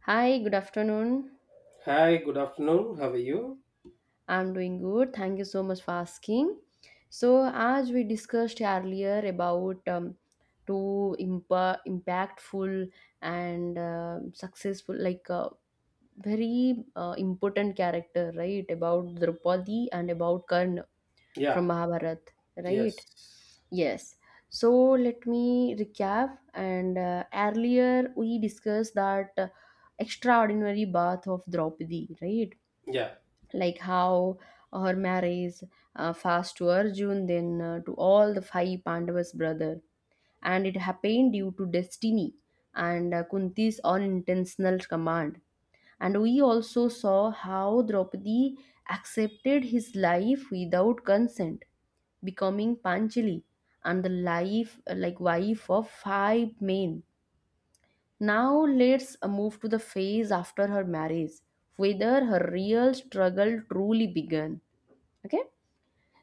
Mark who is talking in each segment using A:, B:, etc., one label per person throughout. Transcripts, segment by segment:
A: Hi, good afternoon.
B: Hi, good afternoon. How are you?
A: I'm doing good. Thank you so much for asking. So, as we discussed earlier about two impactful and successful, like very important character, right? About Draupadi and about Karna
B: Yeah,
A: from Mahabharat, right?
B: Yes.
A: Yes. So, let me recap. And earlier we discussed that extraordinary birth of Draupadi, right?
B: Yeah.
A: Like how her marries fast to Arjun, then to all the five Pandavas' brother, and it happened due to destiny and Kunti's unintentional command. And we also saw how Draupadi accepted his life without consent, becoming Panchali and the life like wife of five men. Now let's move to the phase after her marriage, whether her real struggle truly began. Okay?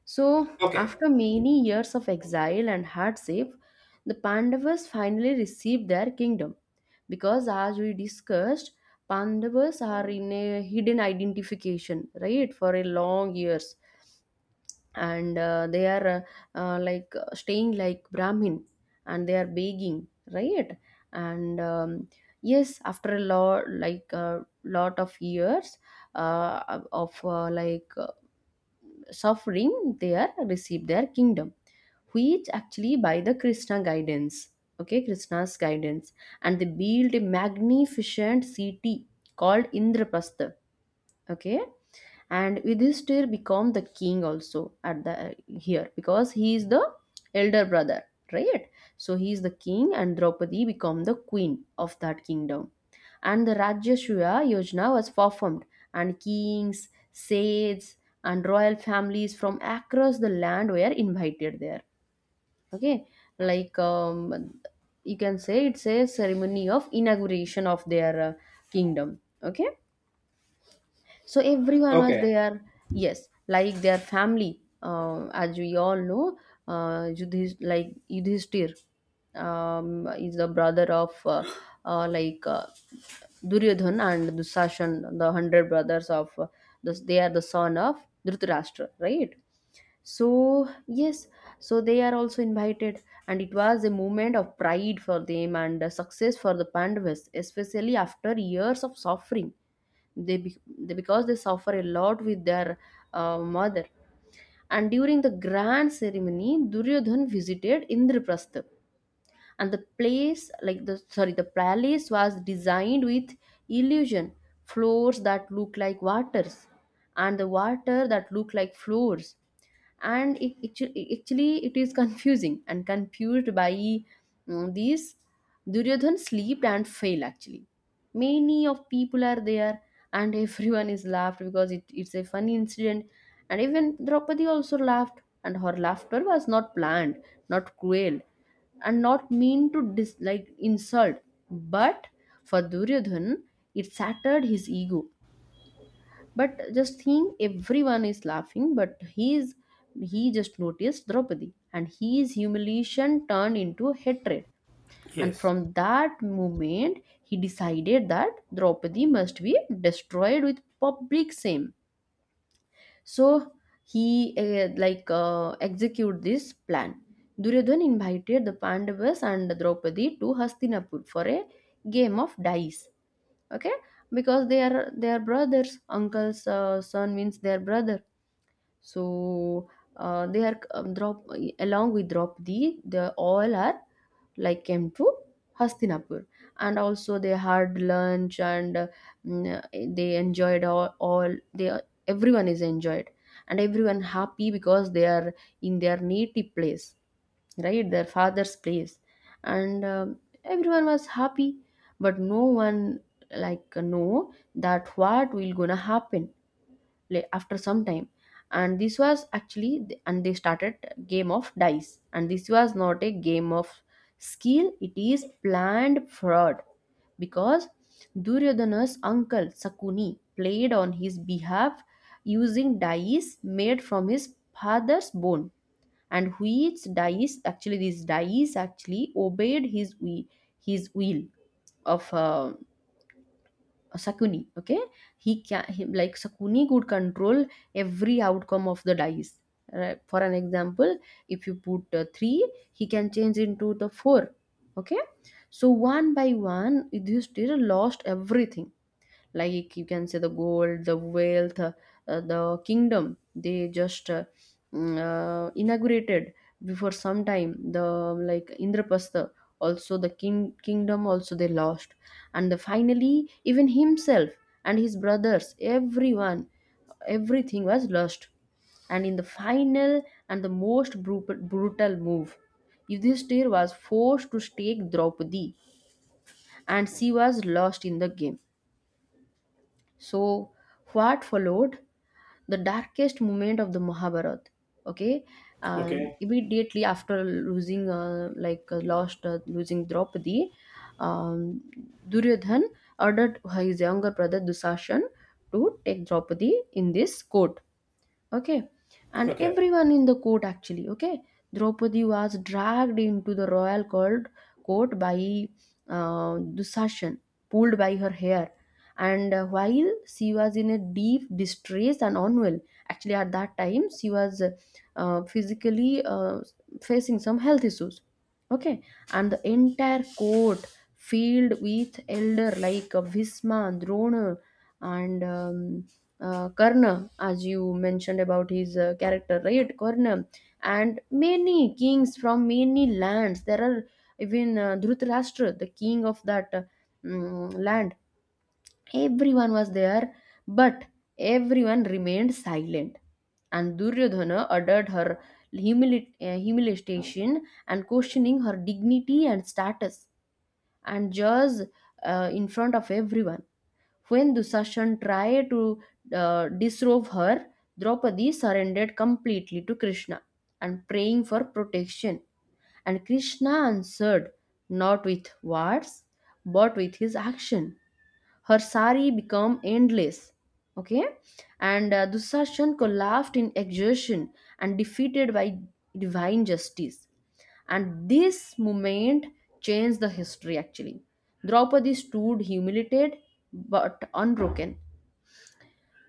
A: So,
B: Okay.
A: after many years of exile and hardship, the Pandavas finally received their kingdom. Because, as we discussed, Pandavas are in a hidden identification, right, for a long years, and they are staying like Brahmin, and they are begging, right, and yes, after a lot, like a lot of years of like suffering, there receive their kingdom, which actually by the Krishna guidance. Okay, Krishna's guidance. And they built a magnificent city called Indraprastha. Okay. And Yudhishthir become the king also at the here because he is the elder brother, right? So he is the king, and Draupadi become the queen of that kingdom. And the Rajyashriya Yojana was performed, and kings, sages, and royal families from across the land were invited there. Okay, like you can say it's a ceremony of inauguration of their kingdom. Okay, so everyone was
B: Okay.
A: there. Yes, like their family, as we all know, like Yudhishthir is the brother of uh, like uh, Duryodhan and Dusashan, the 100 brothers of this. They are the son of Dhritarashtra, right? So, yes, so they are also invited, and it was a moment of pride for them and a success for the Pandavas, especially after years of suffering. They, be- they because they suffer a lot with their mother. And during the grand ceremony, Duryodhan visited Indraprastha, and the place like the sorry the palace was designed with illusion floors that look like waters and the water that look like floors. And it, actually it is confusing and confused by these Duryodhan slept and failed actually. Many of people are there, and everyone is laughed because it's a funny incident. And even Draupadi also laughed, and her laughter was not planned, not cruel, and not mean to like insult. But for Duryodhan, it shattered his ego. But just think everyone is laughing, but he just noticed Draupadi, and his humiliation turned into hatred. And
B: Yes.
A: from that moment he decided that Draupadi must be destroyed with public shame. So he execute this plan. Duryodhan invited the Pandavas and Draupadi to Hastinapur for a game of dice. Okay, because they are brothers. Uncle's son means their brother. So they are Draup along with Draupadi, they all are like came to Hastinapur. And also they had lunch and mm, they enjoyed all they everyone is enjoyed, and everyone happy because they are in their native place, right? Their father's place. And everyone was happy, but no one like know that what will gonna happen after some time. And this was actually and they started game of dice, and this was not a game of skill, it is planned fraud because Duryodhana's uncle Sakuni played on his behalf using dice made from his father's bone. And which dice actually these dice actually obeyed his will of Sakuni. Okay, like Sakuni could control every outcome of the dice. Right? For an example, if you put three, he can change into the four. Okay, so one by one, Yudhishthir lost everything, like you can say the gold, the wealth, the kingdom they just inaugurated before some time, the like Indraprastha also, the kingdom also they lost. And the, finally even himself and his brothers, everyone, everything was lost. And in the final and the most brutal move, Yudhishthir was forced to take Draupadi, and she was lost in the game. So, what followed? The darkest moment of the Mahabharata. Okay, and
B: Okay.
A: immediately after losing, losing Draupadi, um, Duryodhan ordered his younger brother Dusashan to take Draupadi in this court. Okay, and
B: Okay.
A: everyone in the court actually. Okay, Draupadi was dragged into the royal court by Dusashan, pulled by her hair. And while she was in a deep distress and unwell, actually at that time she was physically facing some health issues. Okay. And the entire court filled with elder like Bhisma, Drona, and Karna, as you mentioned about his character, right? Karna, and many kings from many lands. There are even Dhritarashtra, the king of that land. Everyone was there, but everyone remained silent. And Duryodhana uttered her humiliation and questioning her dignity and status. And just in front of everyone when Dusashan tried to disrobe her, Draupadi surrendered completely to Krishna and praying for protection. And Krishna answered not with words but with his action. Her sari became endless. Okay, and Dusashan collapsed in exhaustion and defeated by divine justice. And this moment changed the history actually. Draupadi stood humiliated but unbroken,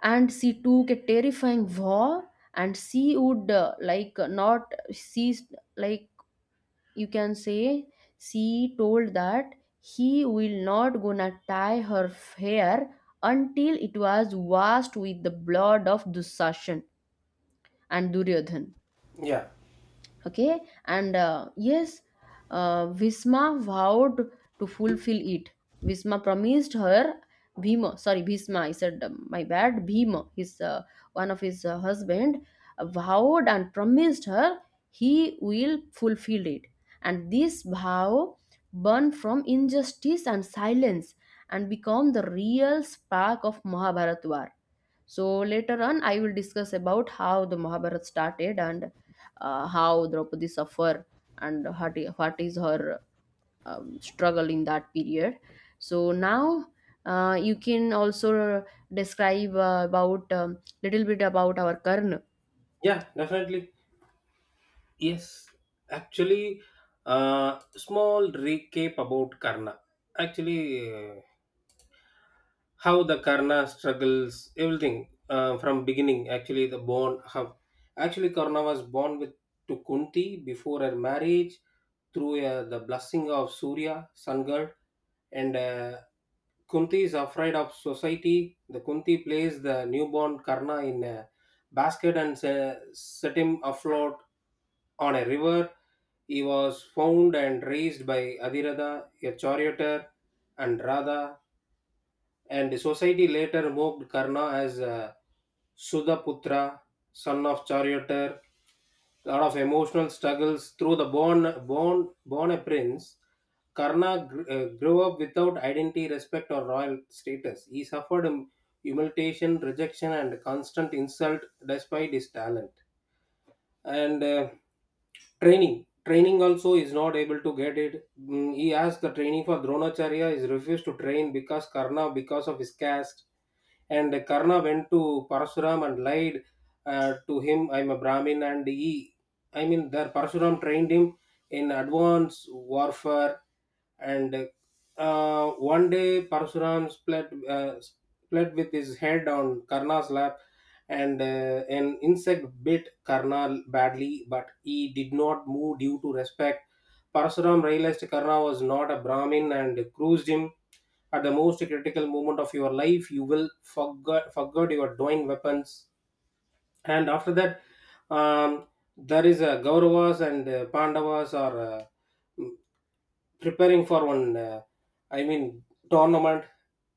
A: and she took a terrifying vow, and she would like not cease, like, you can say, she told that he will not gonna tie her hair until it was washed with the blood of Dussasana and Duryodhan.
B: Yeah.
A: Okay. And yes, visma vowed to fulfill it. Visma promised her. Bhima, sorry, Bhisma, I said, my bad. Bhima, his one of his husband vowed and promised her he will fulfill it. And this vow burned from injustice and silence, and become the real spark of Mahabharat war. So later on, I will discuss about how the Mahabharata started and how Draupadi suffer and what is her struggle in that period. So now you can also describe about little bit about our Karna.
B: Yeah, definitely. Yes. Actually, small recap about Karna. Actually, how the Karna struggles, everything from beginning. Actually, the born how actually Karna was born with to Kunti before her marriage through the blessing of Surya, sun god, and Kunti is afraid of society. The Kunti plays the newborn Karna in a basket and set him afloat on a river. He was found and raised by Adhiratha, a charioteer, and Radha. And society later moved Karna as a Sudaputra, son of charioteer, lot of emotional struggles through the born a prince Karna grew up without identity, respect, or royal status. He suffered humiliation, rejection, and constant insult despite his talent, and training also is not able to get it. He asked the training for Dronacharya is refused to train because Karna, because of his caste. And Karna went to Parashuram and lied to him, I'm a Brahmin, and he there Parashuram trained him in advanced warfare, and uh, one day Parashuram split with his head on Karna's lap, and an insect bit Karna badly, but he did not move due to respect. Parasuram realized Karna was not a Brahmin and cruised him. At the most critical moment of your life, you will forget your divine weapons. And after that, um, there is a Gauravas and Pandavas are preparing for one, I mean, tournament,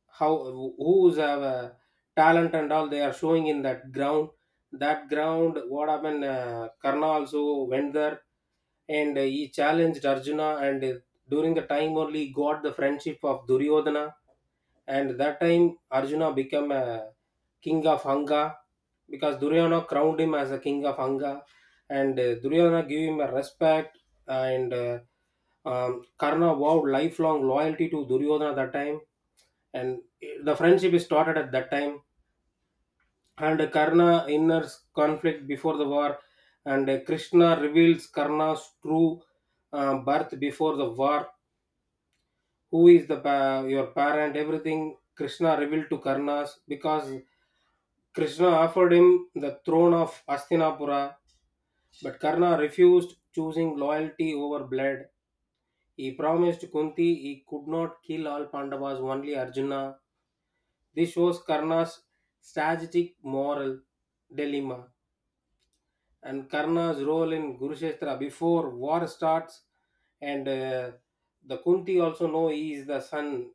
B: how who's have a talent and all they are showing in that ground. That ground, what happened, Karna also went there, and he challenged Arjuna, and during the time only he got the friendship of Duryodhana, and that time Arjuna became a king of Anga because Duryodhana crowned him as a king of Anga, and duryodhana gave him a respect and Karna vowed lifelong loyalty to Duryodhana that time, and the friendship is started at that time. And Karna inner conflict before the war, and Krishna reveals Karna's true birth before the war, who is the your parent, everything. Krishna revealed to Karna's because Krishna offered him the throne of Hastinapura, but Karna refused, choosing loyalty over blood. He promised Kunti he could not kill all Pandavas, only Arjuna. This shows Karna's strategic moral dilemma and Karna's role in Kurukshetra before war starts. And The Kunti also know he is the son,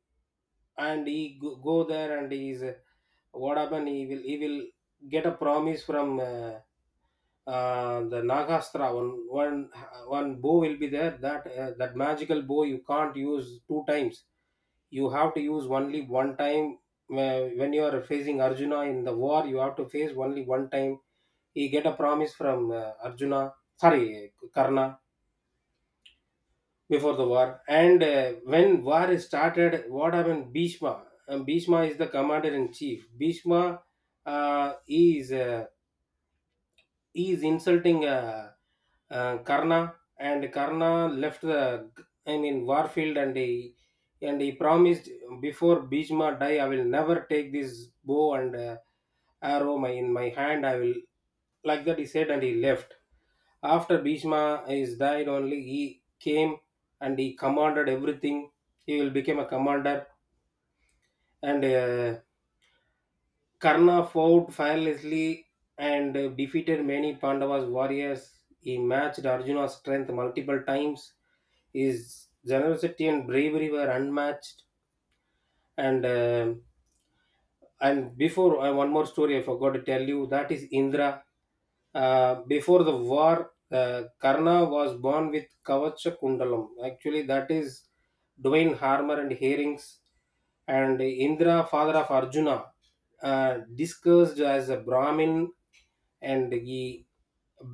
B: and he go there and he is what happened. He will get a promise from. The Nagastra, one bow will be there that that magical bow you can't use two times. You have to use only one time. When you are facing Arjuna in the war, you have to face only one time. He get a promise from arjuna sorry Karna before the war, and when war is started, what happened, Bhishma is the commander in chief. Bhishma uh, is He is insulting Karna, and Karna left the Warfield, and he promised before Bhishma die, I will never take this bow and arrow in my hand. I will, like that he said, and he left. After Bhishma is died, only he came and he commanded everything. He will become a commander, and Karna fought fearlessly and defeated many Pandavas warriors. He matched Arjuna's strength multiple times. His generosity and bravery were unmatched. And uh, and before one more story I forgot to tell you, that is Indra. Before the war, Karna was born with Kavacha Kundalam. Actually, that is Dwayne Harmer and Herrings, and Indra, father of Arjuna, discussed as a Brahmin, and he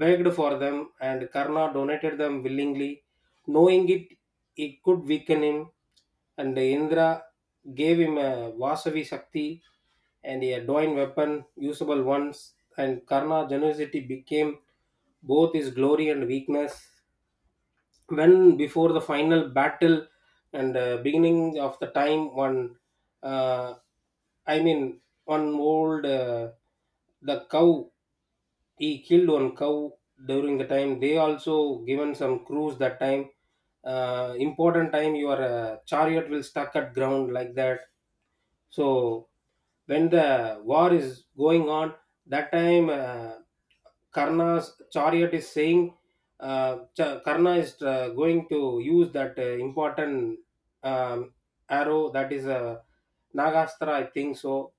B: begged for them, and Karna donated them willingly, knowing it could weaken him, and Indra gave him a Vasavi Shakti and a divine weapon usable once, and Karna generosity became both his glory and weakness. When before the final battle and beginning of the time, one uh, one old the cow, he killed one cow. During the time they also given some crews, that time important time, your chariot will stuck at ground like that. So when the war is going on, that time Karna's chariot is saying, Karna is going to use that important um, arrow, that is a Nagastra, I think so.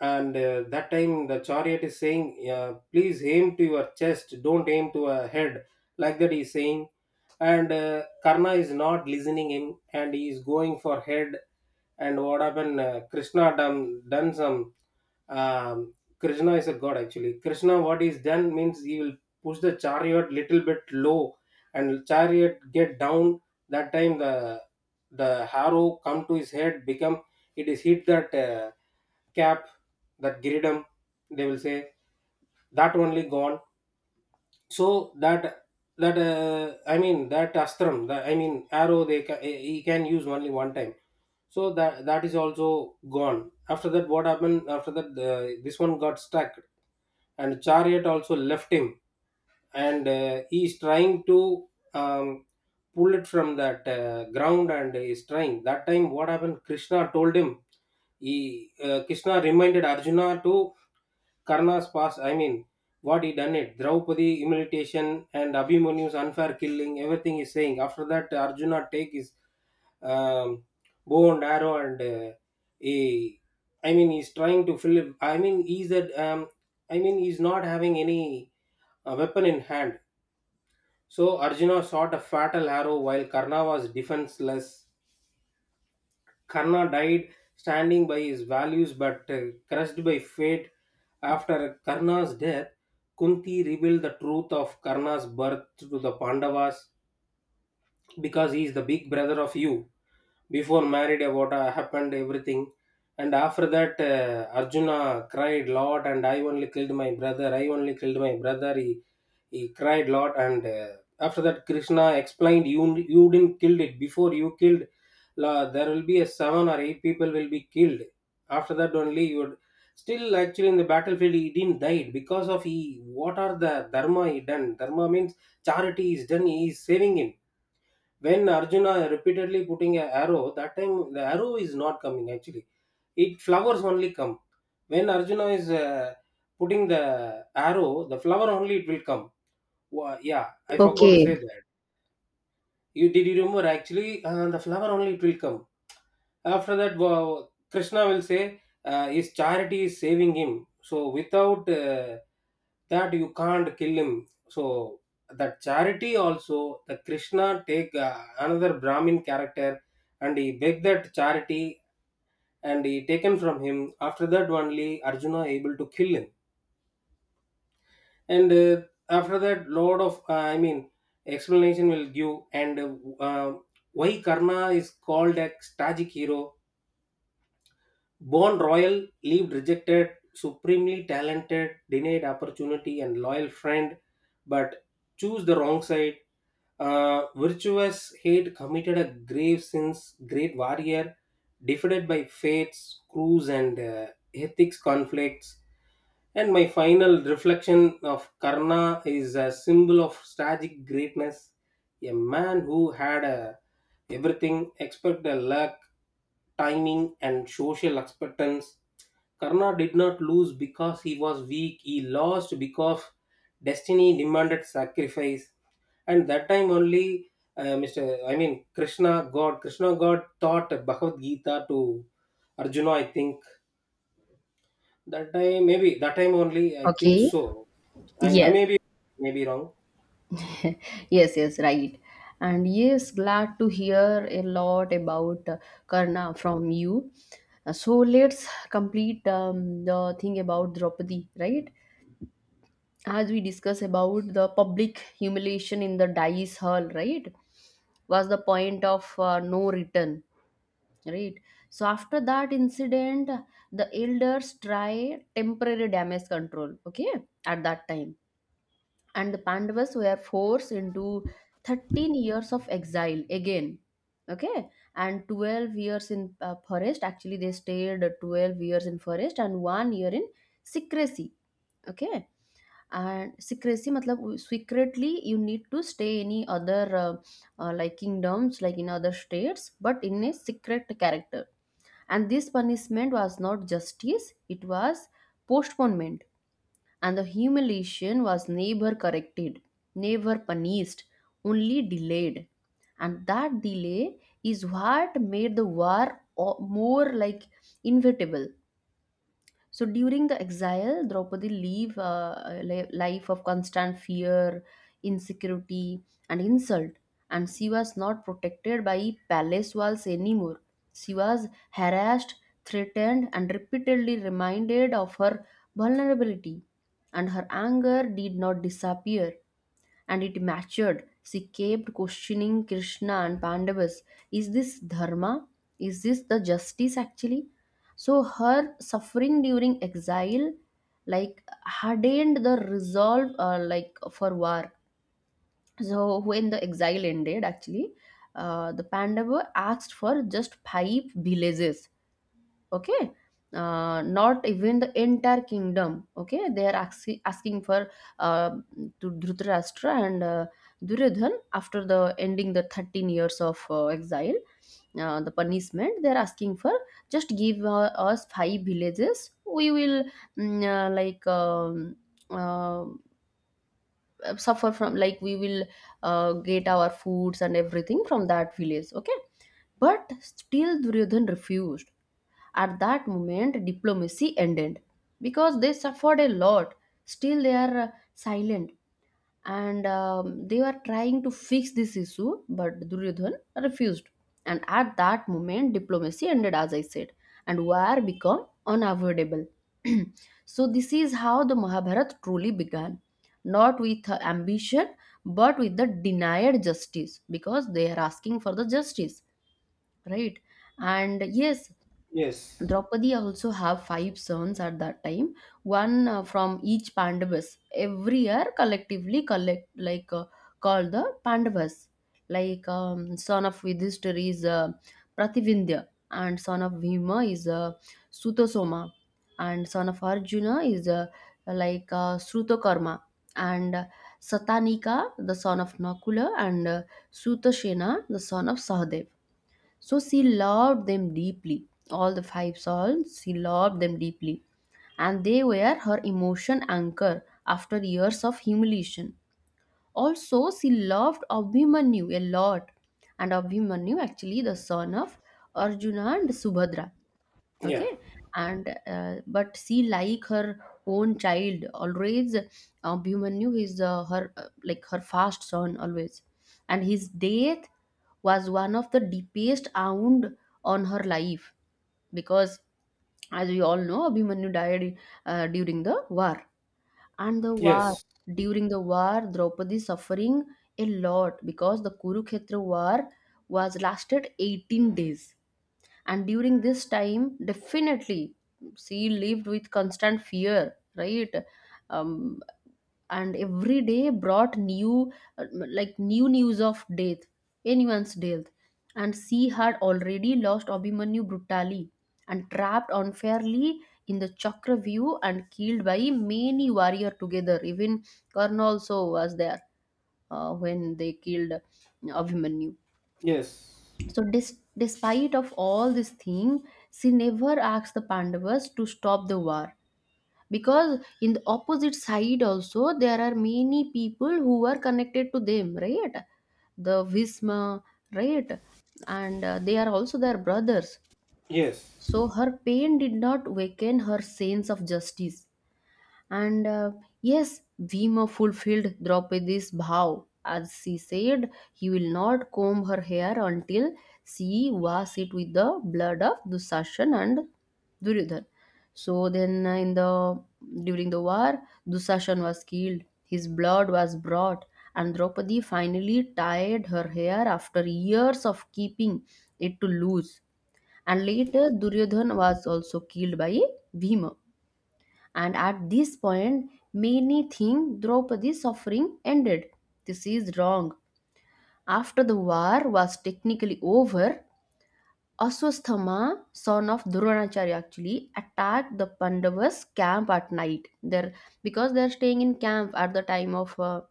B: And that time the chariot is saying, please aim to your chest, don't aim to a head, like that he's saying. And Karna is not listening him, and he is going for head. And what happened, Krishna done some, um, Krishna is a god. Actually Krishna, what he's done means, he will push the chariot little bit low, and chariot get down. That time the harrow come to his head, become it is hit that cap, that gridam they will say, that only gone. So that that that astram, the, I mean arrow, they he can use only one time. So that is also gone. After that what happened, after that this one got stuck, and chariot also left him, and he is trying to um, pull it from that ground, and is trying. That time what happened, Krishna told him, he Krishna reminded Arjuna to Karna's past, what he done it, Draupadi humiliation and Abhimanyu's unfair killing, everything he's saying. After that Arjuna take his um, bow and arrow, and he, he's trying to fill, he's that, he's not having any weapon in hand. So Arjuna shot a fatal arrow while Karna was defenseless. Karna died standing by his values but crushed by fate. After Karna's death, Kunti revealed the truth of Karna's birth to the Pandavas because he is the big brother of you before married, what happened, everything. And after that Arjuna cried lot, and I only killed my brother, he cried lot, and after that Krishna explained, you didn't killed it before, you killed, there will be a seven or eight people will be killed, after that only you would. Still actually, in the battlefield he didn't died because of he, what are the dharma he done. Dharma means charity is done, he is saving him. When Arjuna repeatedly putting a arrow, that time the arrow is not coming actually. It flowers only come. When Arjuna is putting the arrow, the flower only it will come. Yeah, I forgot to
A: Okay.
B: say that. You did you remember actually the flower only it will come. After that, wow, Krishna will say his charity is saving him. So without that you can't kill him. So that charity also, the Krishna take another Brahmin character, and he beg that charity, and he taken from him. After that only Arjuna able to kill him. And after that, lot of explanation will give and uh, why Karna is called a tragic hero. Born royal, lived rejected, supremely talented, denied opportunity and loyal friend, but choose the wrong side. Virtuous hate committed a grave sins. Great warrior, defeated by fates, crews, and ethics conflicts. And my final reflection of Karna is a symbol of tragic greatness, a man who had everything except the luck, timing, and social acceptance. Karna did not lose because he was weak, he lost because destiny demanded sacrifice. And that time only, mr I mean Krishna god, Krishna god taught Bhagavad Gita to Arjuna, I think. That time maybe, that time only, I think
A: Okay.
B: so. I
A: Yes.
B: may be maybe wrong.
A: Yes, yes, right. And yes, glad to hear a lot about Karna from you. So let's complete the thing about Draupadi, right? As we discuss about the public humiliation in the dice hall, right, was the point of no return, right? So after that incident, the elders try temporary damage control. Okay, at that time, and the Pandavas were forced into 13 years of exile again. Okay, and 12 years in forest. Actually, they stayed 12 years in forest and 1 year in secrecy. Okay, and secrecy, matlab, secretly you need to stay any other like kingdoms, like in other states, but in a secret character. And this punishment was not justice; it was postponement, and the humiliation was never corrected, never punished, only delayed. And that delay is what made the war more like inevitable. So during the exile, Draupadi live a life of constant fear, insecurity, and insult. And she was not protected by palace walls anymore. She was harassed, threatened, and repeatedly reminded of her vulnerability. And her anger did not disappear, and it matured. She kept questioning Krishna and Pandavas. Is this dharma? Is this the justice actually? So her suffering during exile like hardened the resolve like for war. So when the exile ended actually the Pandava asked for just five villages. Okay, not even the entire kingdom. Okay, they are asking for uh, to Dhritarashtra and Duryodhan after the ending the 13 years of exile, the punishment they are asking for just give us five villages. We will mm, uh, like um, uh, suffer from, like, we will get our foods and everything from that village. Okay. But still Duryodhan refused. At that moment, diplomacy ended because they suffered a lot. Still, they are silent, and they were trying to fix this issue, but Duryodhan refused. And at that moment, diplomacy ended, as I said, and war became unavoidable. So, this is how the Mahabharata truly began, not with ambition but with the denied justice because they are asking for the justice, right? And yes,
B: Yes.
A: Draupadi also have five sons at that time, one from each Pandavas. Every year, collectively collect like called the Pandavas. Like son of Yudhishthir is Prativindya, and son of Bhima is Sutasoma, and son of Arjuna is Srutakarma, and Satanika the son of Nakula, and Sutasena the son of Sahadev. So she loved them deeply. All the five souls, she loved them deeply. And they were her emotion anchor after years of humiliation. Also, she loved Abhimanyu a lot. And Abhimanyu, actually, the son of Arjuna and Subhadra,
B: Yeah.
A: okay. and But she, like her own child always, Bhimanyu is her, like her first son always, and his death was one of the deepest wound on her life because, as we all know, Abhimanyu died during the war. And the war
B: yes
A: during the war, Draupadi suffering a lot because the Kurukshetra war was lasted 18 days, and during this time, definitely she lived with constant fear, right? um, and every day brought new, like new news of death, anyone's death. And she had already lost Abhimanyu brutally and trapped unfairly in the Chakravyu and killed by many warrior together. Even Karna also was there when they killed Abhimanyu.
B: yes
A: So despite of all this thing, she never asked the Pandavas to stop the war because in the opposite side also there are many people who are connected to them, right? The Visma, right? And they are also their brothers.
B: yes
A: So her pain did not weaken her sense of justice. And yes, Bhima fulfilled Draupadi's vow. As she said, he will not comb her hair until she was it with the blood of Dushasan and Duryodhan. So then, in the during the war, Dushasan was killed. His blood was brought, and Draupadi finally tied her hair after years of keeping it to loose. And later, Duryodhan was also killed by Bhima. And at this point, many think Draupadi's suffering ended. This is wrong. After the war was technically over, Aswasthama, son of Dronacharya, actually attacked the Pandavas' camp at night. There, because they're staying in camp at the time of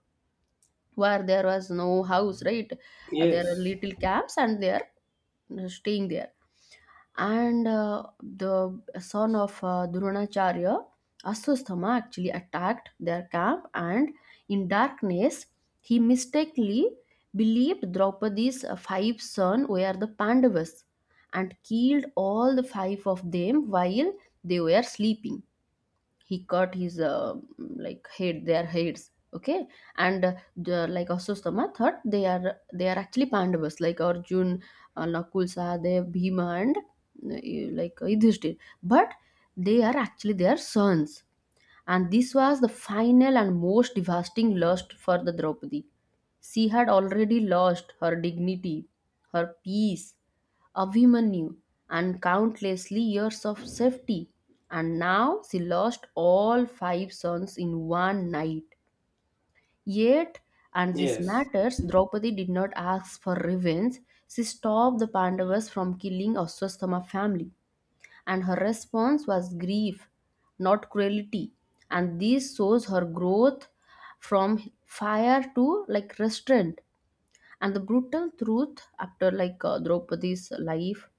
A: war, there was no house, right? There are
B: yes
A: little camps, and they are staying there. And the son of Dronacharya, Aswatthama, actually attacked their camp, and in darkness, he mistakenly believed Draupadi's five sons were the Pandavas and killed all the five of them while they were sleeping. He cut his, like head, their heads, okay. And like Aswasthama thought they are, they are actually Pandavas, like Arjun, Nakul, Sahadev, Bhima, and like Yudhishthir. But they are actually their sons. And this was the final and most devastating loss for the Draupadi. She had already lost her dignity, her peace, Abhimanyu, and countless years of safety. And now she lost all five sons in one night. Yet, and this
B: yes
A: matters, Draupadi did not ask for revenge. She stopped the Pandavas from killing Aswasthama family, and her response was grief, not cruelty. And this shows her growth from fire to like restraint. And the brutal truth after Draupadi's life,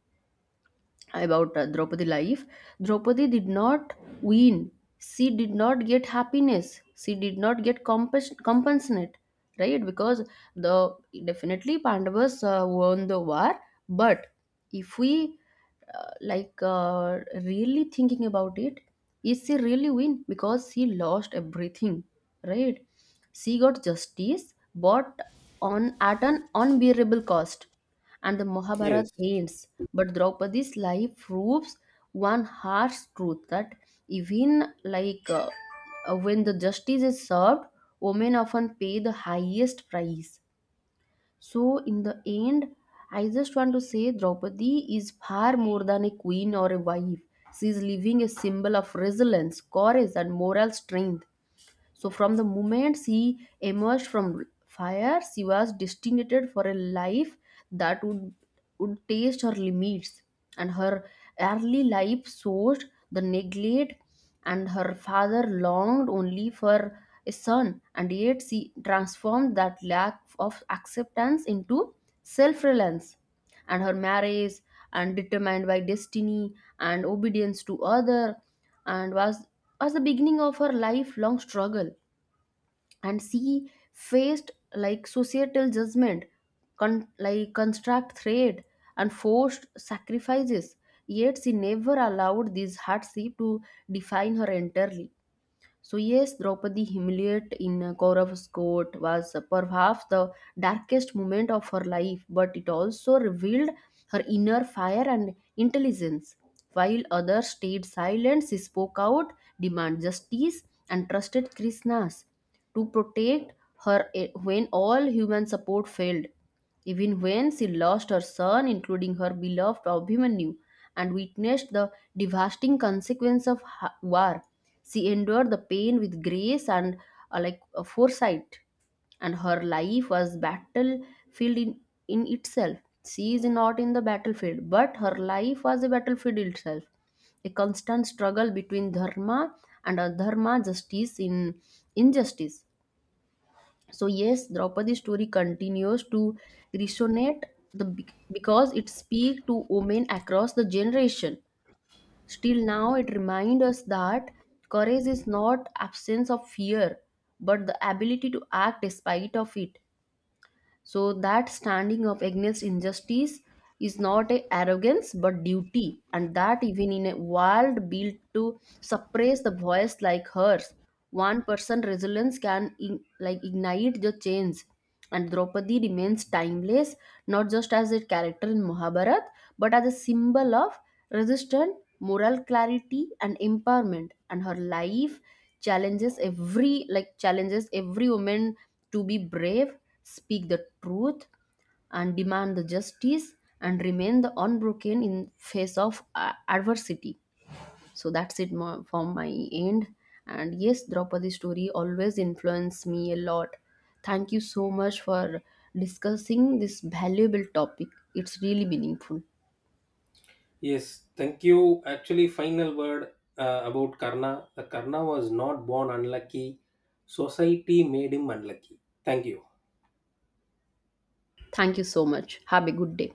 A: about Draupadi life, Draupadi did not win. She did not get happiness. She did not get compensate, right? Because the, definitely Pandavas won the war, but if we, really thinking about it, is she really win? Because she lost everything, right? She got justice, but on, at an unbearable cost, and the
B: yes
A: Mahabharata ends. But Draupadi's life proves one harsh truth, that even when the justice is served, women often pay the highest price. So in the end, I just want to say Draupadi is far more than a queen or a wife. She is living a symbol of resilience, courage, and moral strength. So from the moment she emerged from fire, she was destined for a life that would taste her limits. And her early life showed the neglect, and her father longed only for a son, and yet she transformed that lack of acceptance into self-reliance. And her marriage and determined by destiny and obedience to other and was the beginning of her lifelong struggle. And she faced like societal judgment, like construct threat and forced sacrifices, yet she never allowed these hardship to define her entirely. So, yes, Draupadi humiliate in Kaurav's court was perhaps the darkest moment of her life, but it also revealed her inner fire and intelligence. While others stayed silent, she spoke out, demanded justice, and trusted Krishna's to protect her when all human support failed. Even when she lost her son, including her beloved Abhimanyu, and witnessed the devastating consequence of war, she endured the pain with grace and foresight. And her life was battlefield in, in itself. She is not in the battlefield, but her life was a battlefield itself, a constant struggle between dharma and adharma, justice in injustice. So yes, Draupadi's story continues to resonate because it speaks to women across the generation. Still now, it reminds us that courage is not absence of fear, but the ability to act despite of it. So that standing up against injustice is not a arrogance but duty, and that even in a world built to suppress the voice like hers, one person resilience can like ignite the change. And Draupadi remains timeless, not just as a character in Mahabharata, but as a symbol of resistance, moral clarity, and empowerment. And her life challenges every like challenges every woman to be brave, speak the truth, and demand the justice, and remain the unbroken in face of adversity. So that's it from my end. And yes, Draupadi story always influenced me a lot. Thank you so much for discussing this valuable topic. It's really meaningful.
B: Yes, thank you. Actually, final word about Karna. The Karna was not born unlucky. Society made him unlucky. Thank you.
A: Thank you so much. Have a good day.